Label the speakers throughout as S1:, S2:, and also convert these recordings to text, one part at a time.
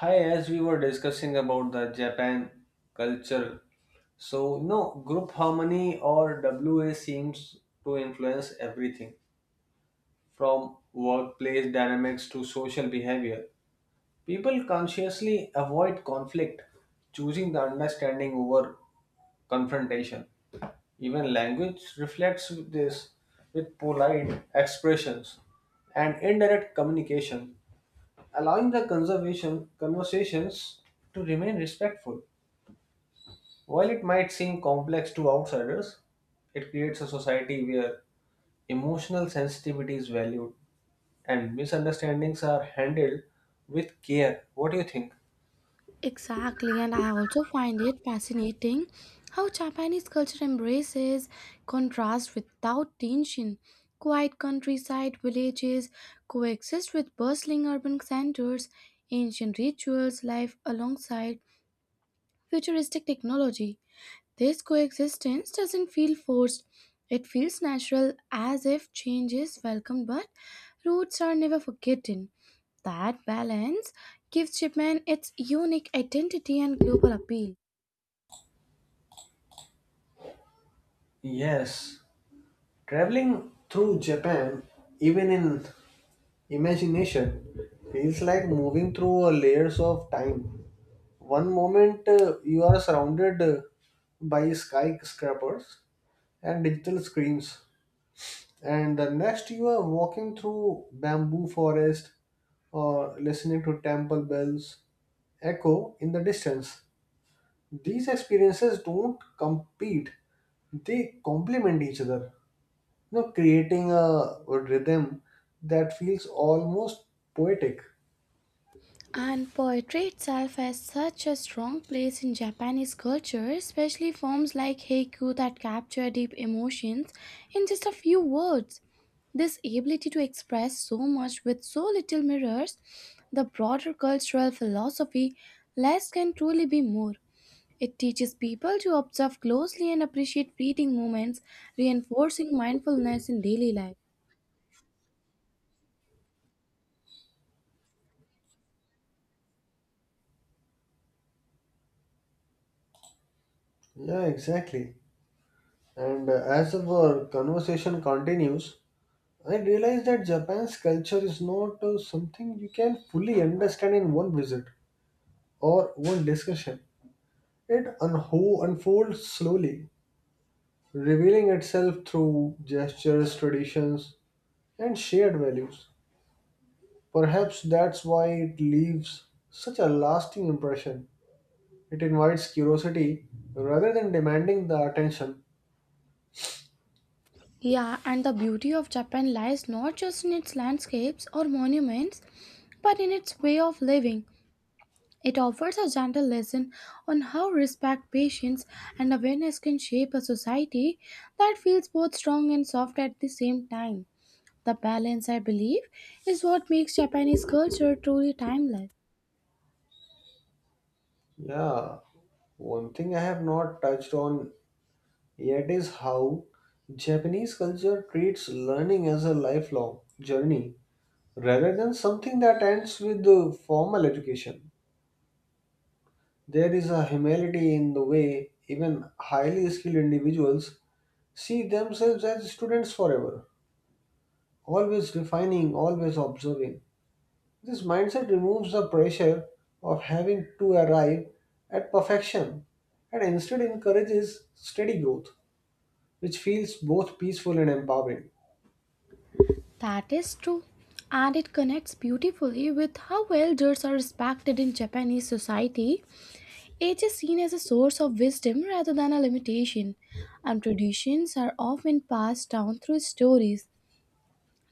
S1: Hi, as we were discussing about the Japan culture, group harmony or WA seems to influence everything from workplace dynamics to social behavior. People consciously avoid conflict, choosing the understanding over confrontation. Even language reflects this with polite expressions and indirect communication allowing the conservation conversations to remain respectful. While it might seem complex to outsiders, it creates a society where emotional sensitivity is valued and misunderstandings are handled with care. What do you think?
S2: Exactly, and I also find it fascinating how Japanese culture embraces contrast without tension. Quiet countryside villages coexist with bustling urban centers, ancient rituals live alongside futuristic technology. This coexistence doesn't feel forced. It feels natural as if change is welcome, but roots are never forgotten. That balance gives Japan its unique identity and global appeal.
S1: Yes, traveling through Japan, even in imagination feels like moving through a layers of time. One moment you are surrounded by skyscrapers and digital screens, and the next you are walking through bamboo forest or listening to temple bells echo in the distance. These experiences don't compete; they complement each other. Creating a rhythm that feels almost poetic.
S2: And poetry itself has such a strong place in Japanese culture, especially forms like haiku that capture deep emotions in just a few words. This ability to express so much with so little mirrors the broader cultural philosophy less can truly be more. It teaches people to observe closely and appreciate fleeting moments, reinforcing mindfulness in daily life.
S1: Yeah, exactly. And as our conversation continues, I realize that Japan's culture is not something you can fully understand in one visit or one discussion. It unho unfolds slowly, revealing itself through gestures, traditions, and shared values. Perhaps that's why it leaves such a lasting impression. It invites curiosity rather than demanding the attention.
S2: Yeah, and the beauty of Japan lies not just in its landscapes or monuments, but in its way of living. It offers a gentle lesson on how respect, patience, and awareness can shape a society that feels both strong and soft at the same time. The balance, I believe, is what makes Japanese culture truly timeless.
S1: Yeah, one thing I have not touched on yet is how Japanese culture treats learning as a lifelong journey rather than something that ends with the formal education. There is a humility in the way even highly skilled individuals see themselves as students forever, always refining, always observing. This mindset removes the pressure of having to arrive at perfection and instead encourages steady growth, which feels both peaceful and empowering.
S2: That is true, and it connects beautifully with how elders are respected in Japanese society. Age is seen as a source of wisdom rather than a limitation, and traditions are often passed down through stories,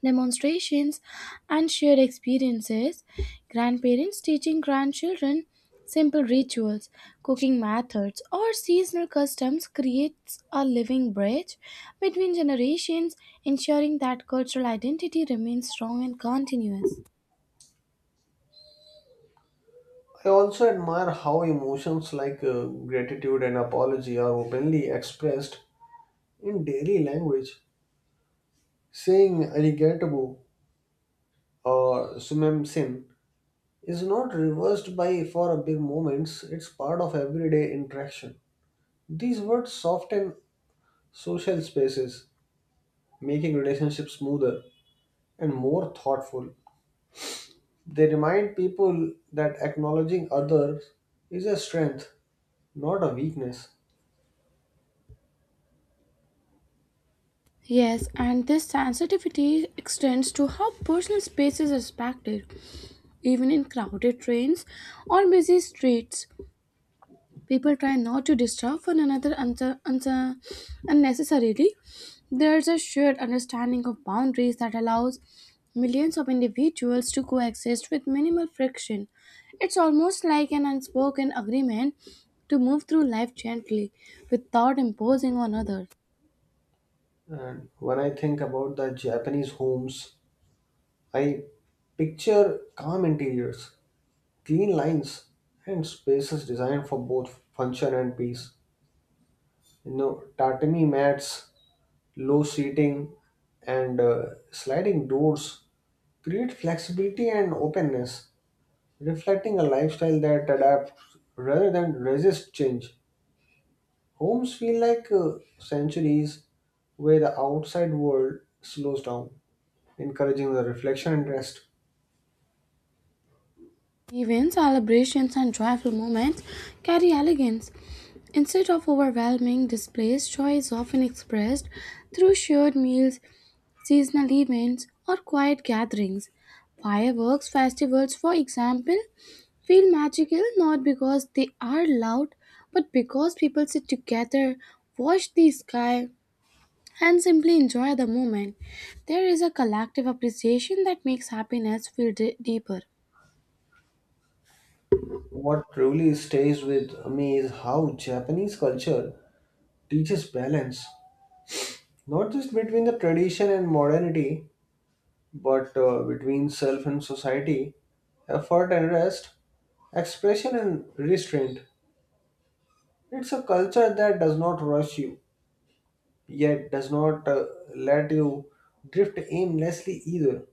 S2: demonstrations, and shared experiences, grandparents teaching grandchildren simple rituals, cooking methods, or seasonal customs creates a living bridge between generations, ensuring that cultural identity remains strong and continuous.
S1: I also admire how emotions like gratitude and apology are openly expressed in daily language. Saying arigatou or sumemsin is not reversed by for a big moments, it's part of everyday interaction. These words soften social spaces making relationships smoother and more thoughtful. They remind people that acknowledging others is a strength, not a weakness.
S2: Yes, and this sensitivity extends to how personal space is respected, even in crowded trains or busy streets. People try not to disturb one another unnecessarily. There's a shared understanding of boundaries that allows millions of individuals to coexist with minimal friction. It's almost like an unspoken agreement to move through life gently without imposing on others.
S1: And when I think about the Japanese homes, I picture calm interiors, clean lines, and spaces designed for both function and peace. You know, tatami mats, low seating, and sliding doors create flexibility and openness reflecting a lifestyle that adapts rather than resists change. Homes feel like sanctuaries where the outside world slows down, encouraging the reflection and rest.
S2: Even celebrations and joyful moments carry elegance. Instead of overwhelming displays, joy is often expressed through shared meals, seasonal events, or quiet gatherings. Fireworks festivals, for example, feel magical not because they are loud, but because people sit together, watch the sky, and simply enjoy the moment. There is a collective appreciation that makes happiness feel deeper.
S1: What truly stays with me is how Japanese culture teaches balance, not just between the tradition and modernity, but between self and society, effort and rest, expression and restraint. It's a culture that does not rush you yet does not let you drift aimlessly either.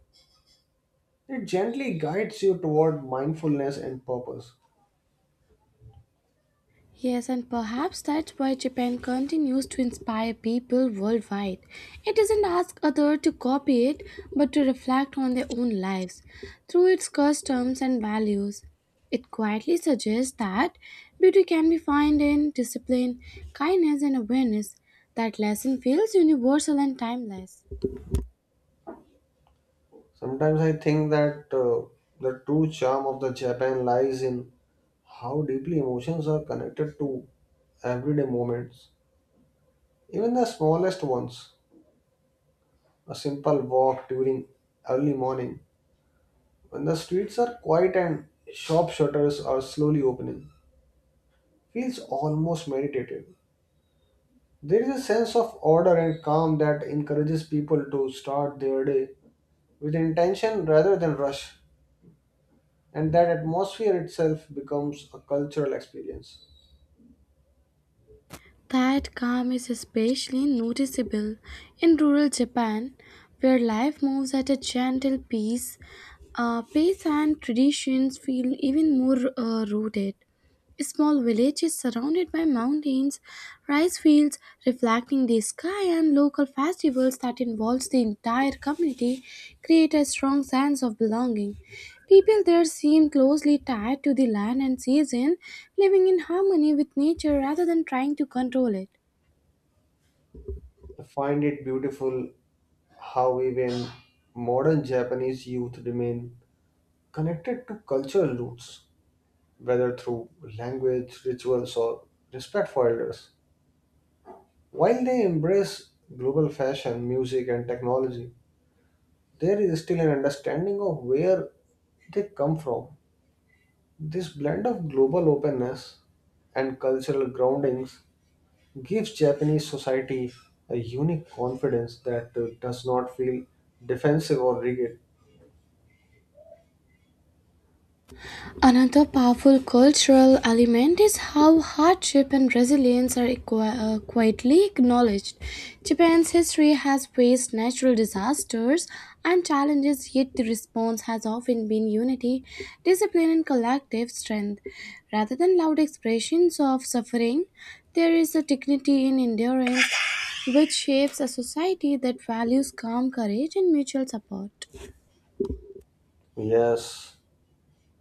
S1: It gently guides you toward mindfulness and purpose.
S2: Yes, and perhaps that's why Japan continues to inspire people worldwide. It doesn't ask others to copy it, but to reflect on their own lives through its customs and values. It quietly suggests that beauty can be found in discipline, kindness, and awareness. That lesson feels universal and timeless.
S1: Sometimes I think that the true charm of the Japan lies in how deeply emotions are connected to everyday moments, even the smallest ones. A simple walk during early morning, when the streets are quiet and shop shutters are slowly opening, feels almost meditative. There is a sense of order and calm that encourages people to start their day with intention rather than rush, and that atmosphere itself becomes a cultural experience.
S2: That calm is especially noticeable in rural Japan, where life moves at a gentle pace. Pace and traditions feel even more rooted. A small village is surrounded by mountains, rice fields reflecting the sky, and local festivals that involves the entire community create a strong sense of belonging. People there seem closely tied to the land and season, living in harmony with nature rather than trying to control it.
S1: I find it beautiful how even modern Japanese youth remain connected to cultural roots, whether through language, rituals, or respect for elders. While they embrace global fashion, music, and technology, there is still an understanding of where they come from. This blend of global openness and cultural groundings gives Japanese society a unique confidence that does not feel defensive or rigid.
S2: Another powerful cultural element is how hardship and resilience are quietly acknowledged. Japan's history has faced natural disasters and challenges, yet the response has often been unity, discipline, and collective strength. Rather than loud expressions of suffering, there is a dignity in endurance which shapes a society that values calm courage and mutual support.
S1: Yes,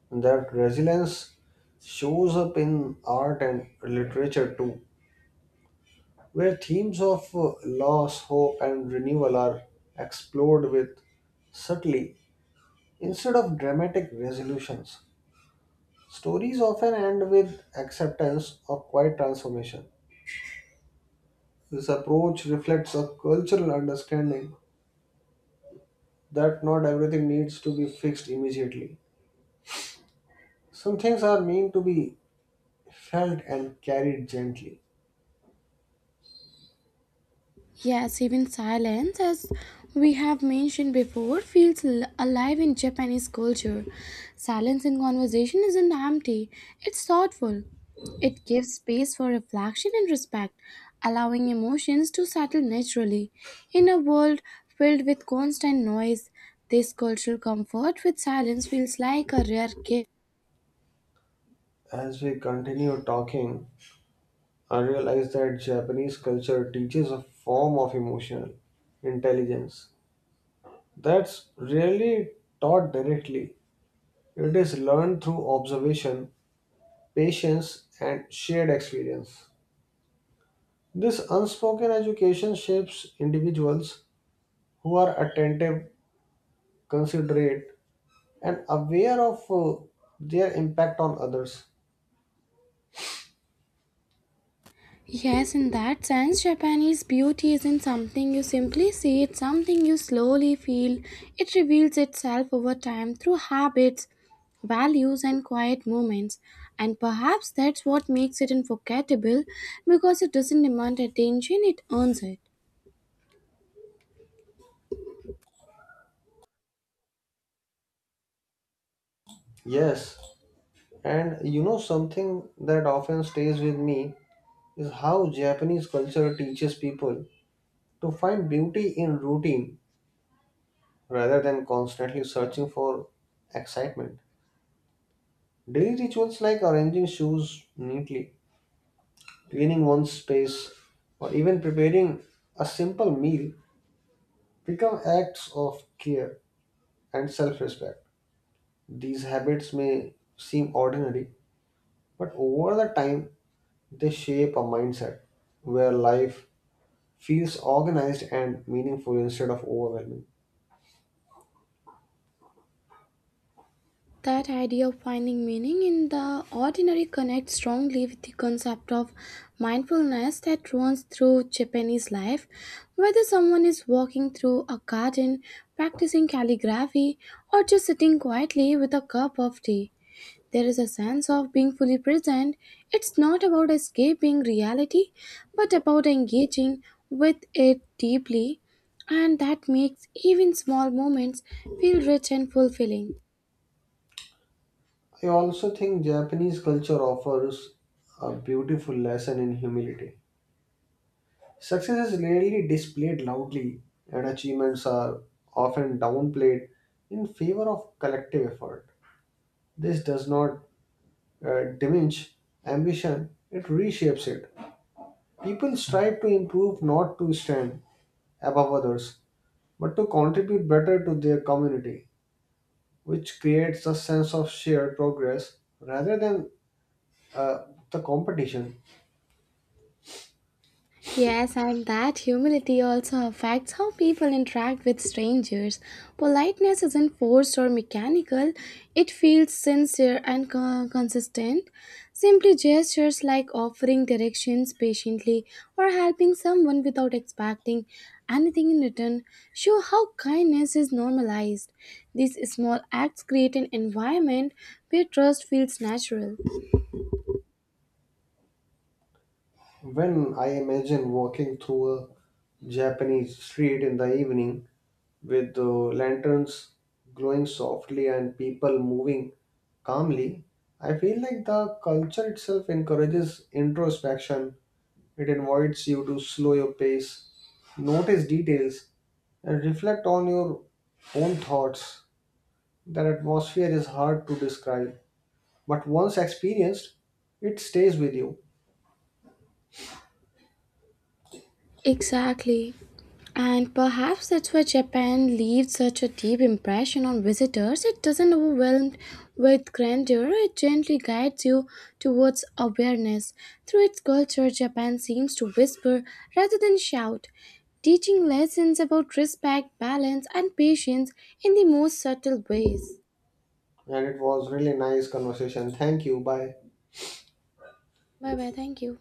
S1: that resilience shows up in art and literature too, where themes of loss, hope, and renewal are explored with subtly instead of dramatic resolutions. Stories often end with acceptance or quiet transformation. This approach reflects a cultural understanding that not everything needs to be fixed immediately. Some things are meant to be felt and carried gently.
S2: Yes, even silence, as we have mentioned before, feels alive in Japanese culture. Silence in conversation isn't empty, it's thoughtful. It gives space for reflection and respect, allowing emotions to settle naturally. In a world filled with constant noise, this cultural comfort with silence feels like a rare gift.
S1: As we continue talking, I realize that Japanese culture teaches a form of emotional intelligence that's rarely taught directly. It is learned through observation, patience, and shared experience. This unspoken education shapes individuals who are attentive considerate, and aware of their impact on others.
S2: Yes, in that sense, Japanese beauty isn't something you simply see, it's something you slowly feel. It reveals itself over time through habits, values, and quiet moments. And perhaps that's what makes it unforgettable because it doesn't demand attention, it earns it.
S1: Yes, and you know something that often stays with me is how Japanese culture teaches people to find beauty in routine rather than constantly searching for excitement. Daily rituals like arranging shoes neatly, cleaning one's space, or even preparing a simple meal become acts of care and self respect. These habits may seem ordinary, but over the time they shape a mindset where life feels organized and meaningful instead of overwhelming.
S2: That idea of finding meaning in the ordinary connects strongly with the concept of mindfulness that runs through Japanese life. Whether someone is walking through a garden, practicing calligraphy, or just sitting quietly with a cup of tea, there is a sense of being fully present. It's not about escaping reality, but about engaging with it deeply, and that makes even small moments feel rich and fulfilling.
S1: I also think Japanese culture offers a beautiful lesson in humility. Success is rarely displayed loudly, and achievements are often downplayed in favor of collective effort. This does not diminish ambition, it reshapes it. People strive to improve not to stand above others, but to contribute better to their community, which creates a sense of shared progress rather than uh, the competition.
S2: Yes, and that humility also affects how people interact with strangers. Politeness isn't forced or mechanical, it feels sincere and consistent. Simply gestures like offering directions patiently or helping someone without expecting anything in return show how kindness is normalized. These small acts create an environment where trust feels natural.
S1: When I imagine walking through a Japanese street in the evening with the lanterns glowing softly and people moving calmly, I feel like the culture itself encourages introspection. It invites you to slow your pace, notice details, and reflect on your own thoughts. That atmosphere is hard to describe, but once experienced, it stays with you.
S2: Exactly. And perhaps that's why Japan leaves such a deep impression on visitors. It doesn't overwhelm with grandeur, it gently guides you towards awareness. Through its culture, Japan seems to whisper rather than shout, teaching lessons about respect, balance, and patience in the most subtle ways.
S1: And it was really nice conversation. Thank you. Bye.
S2: Bye bye, thank you.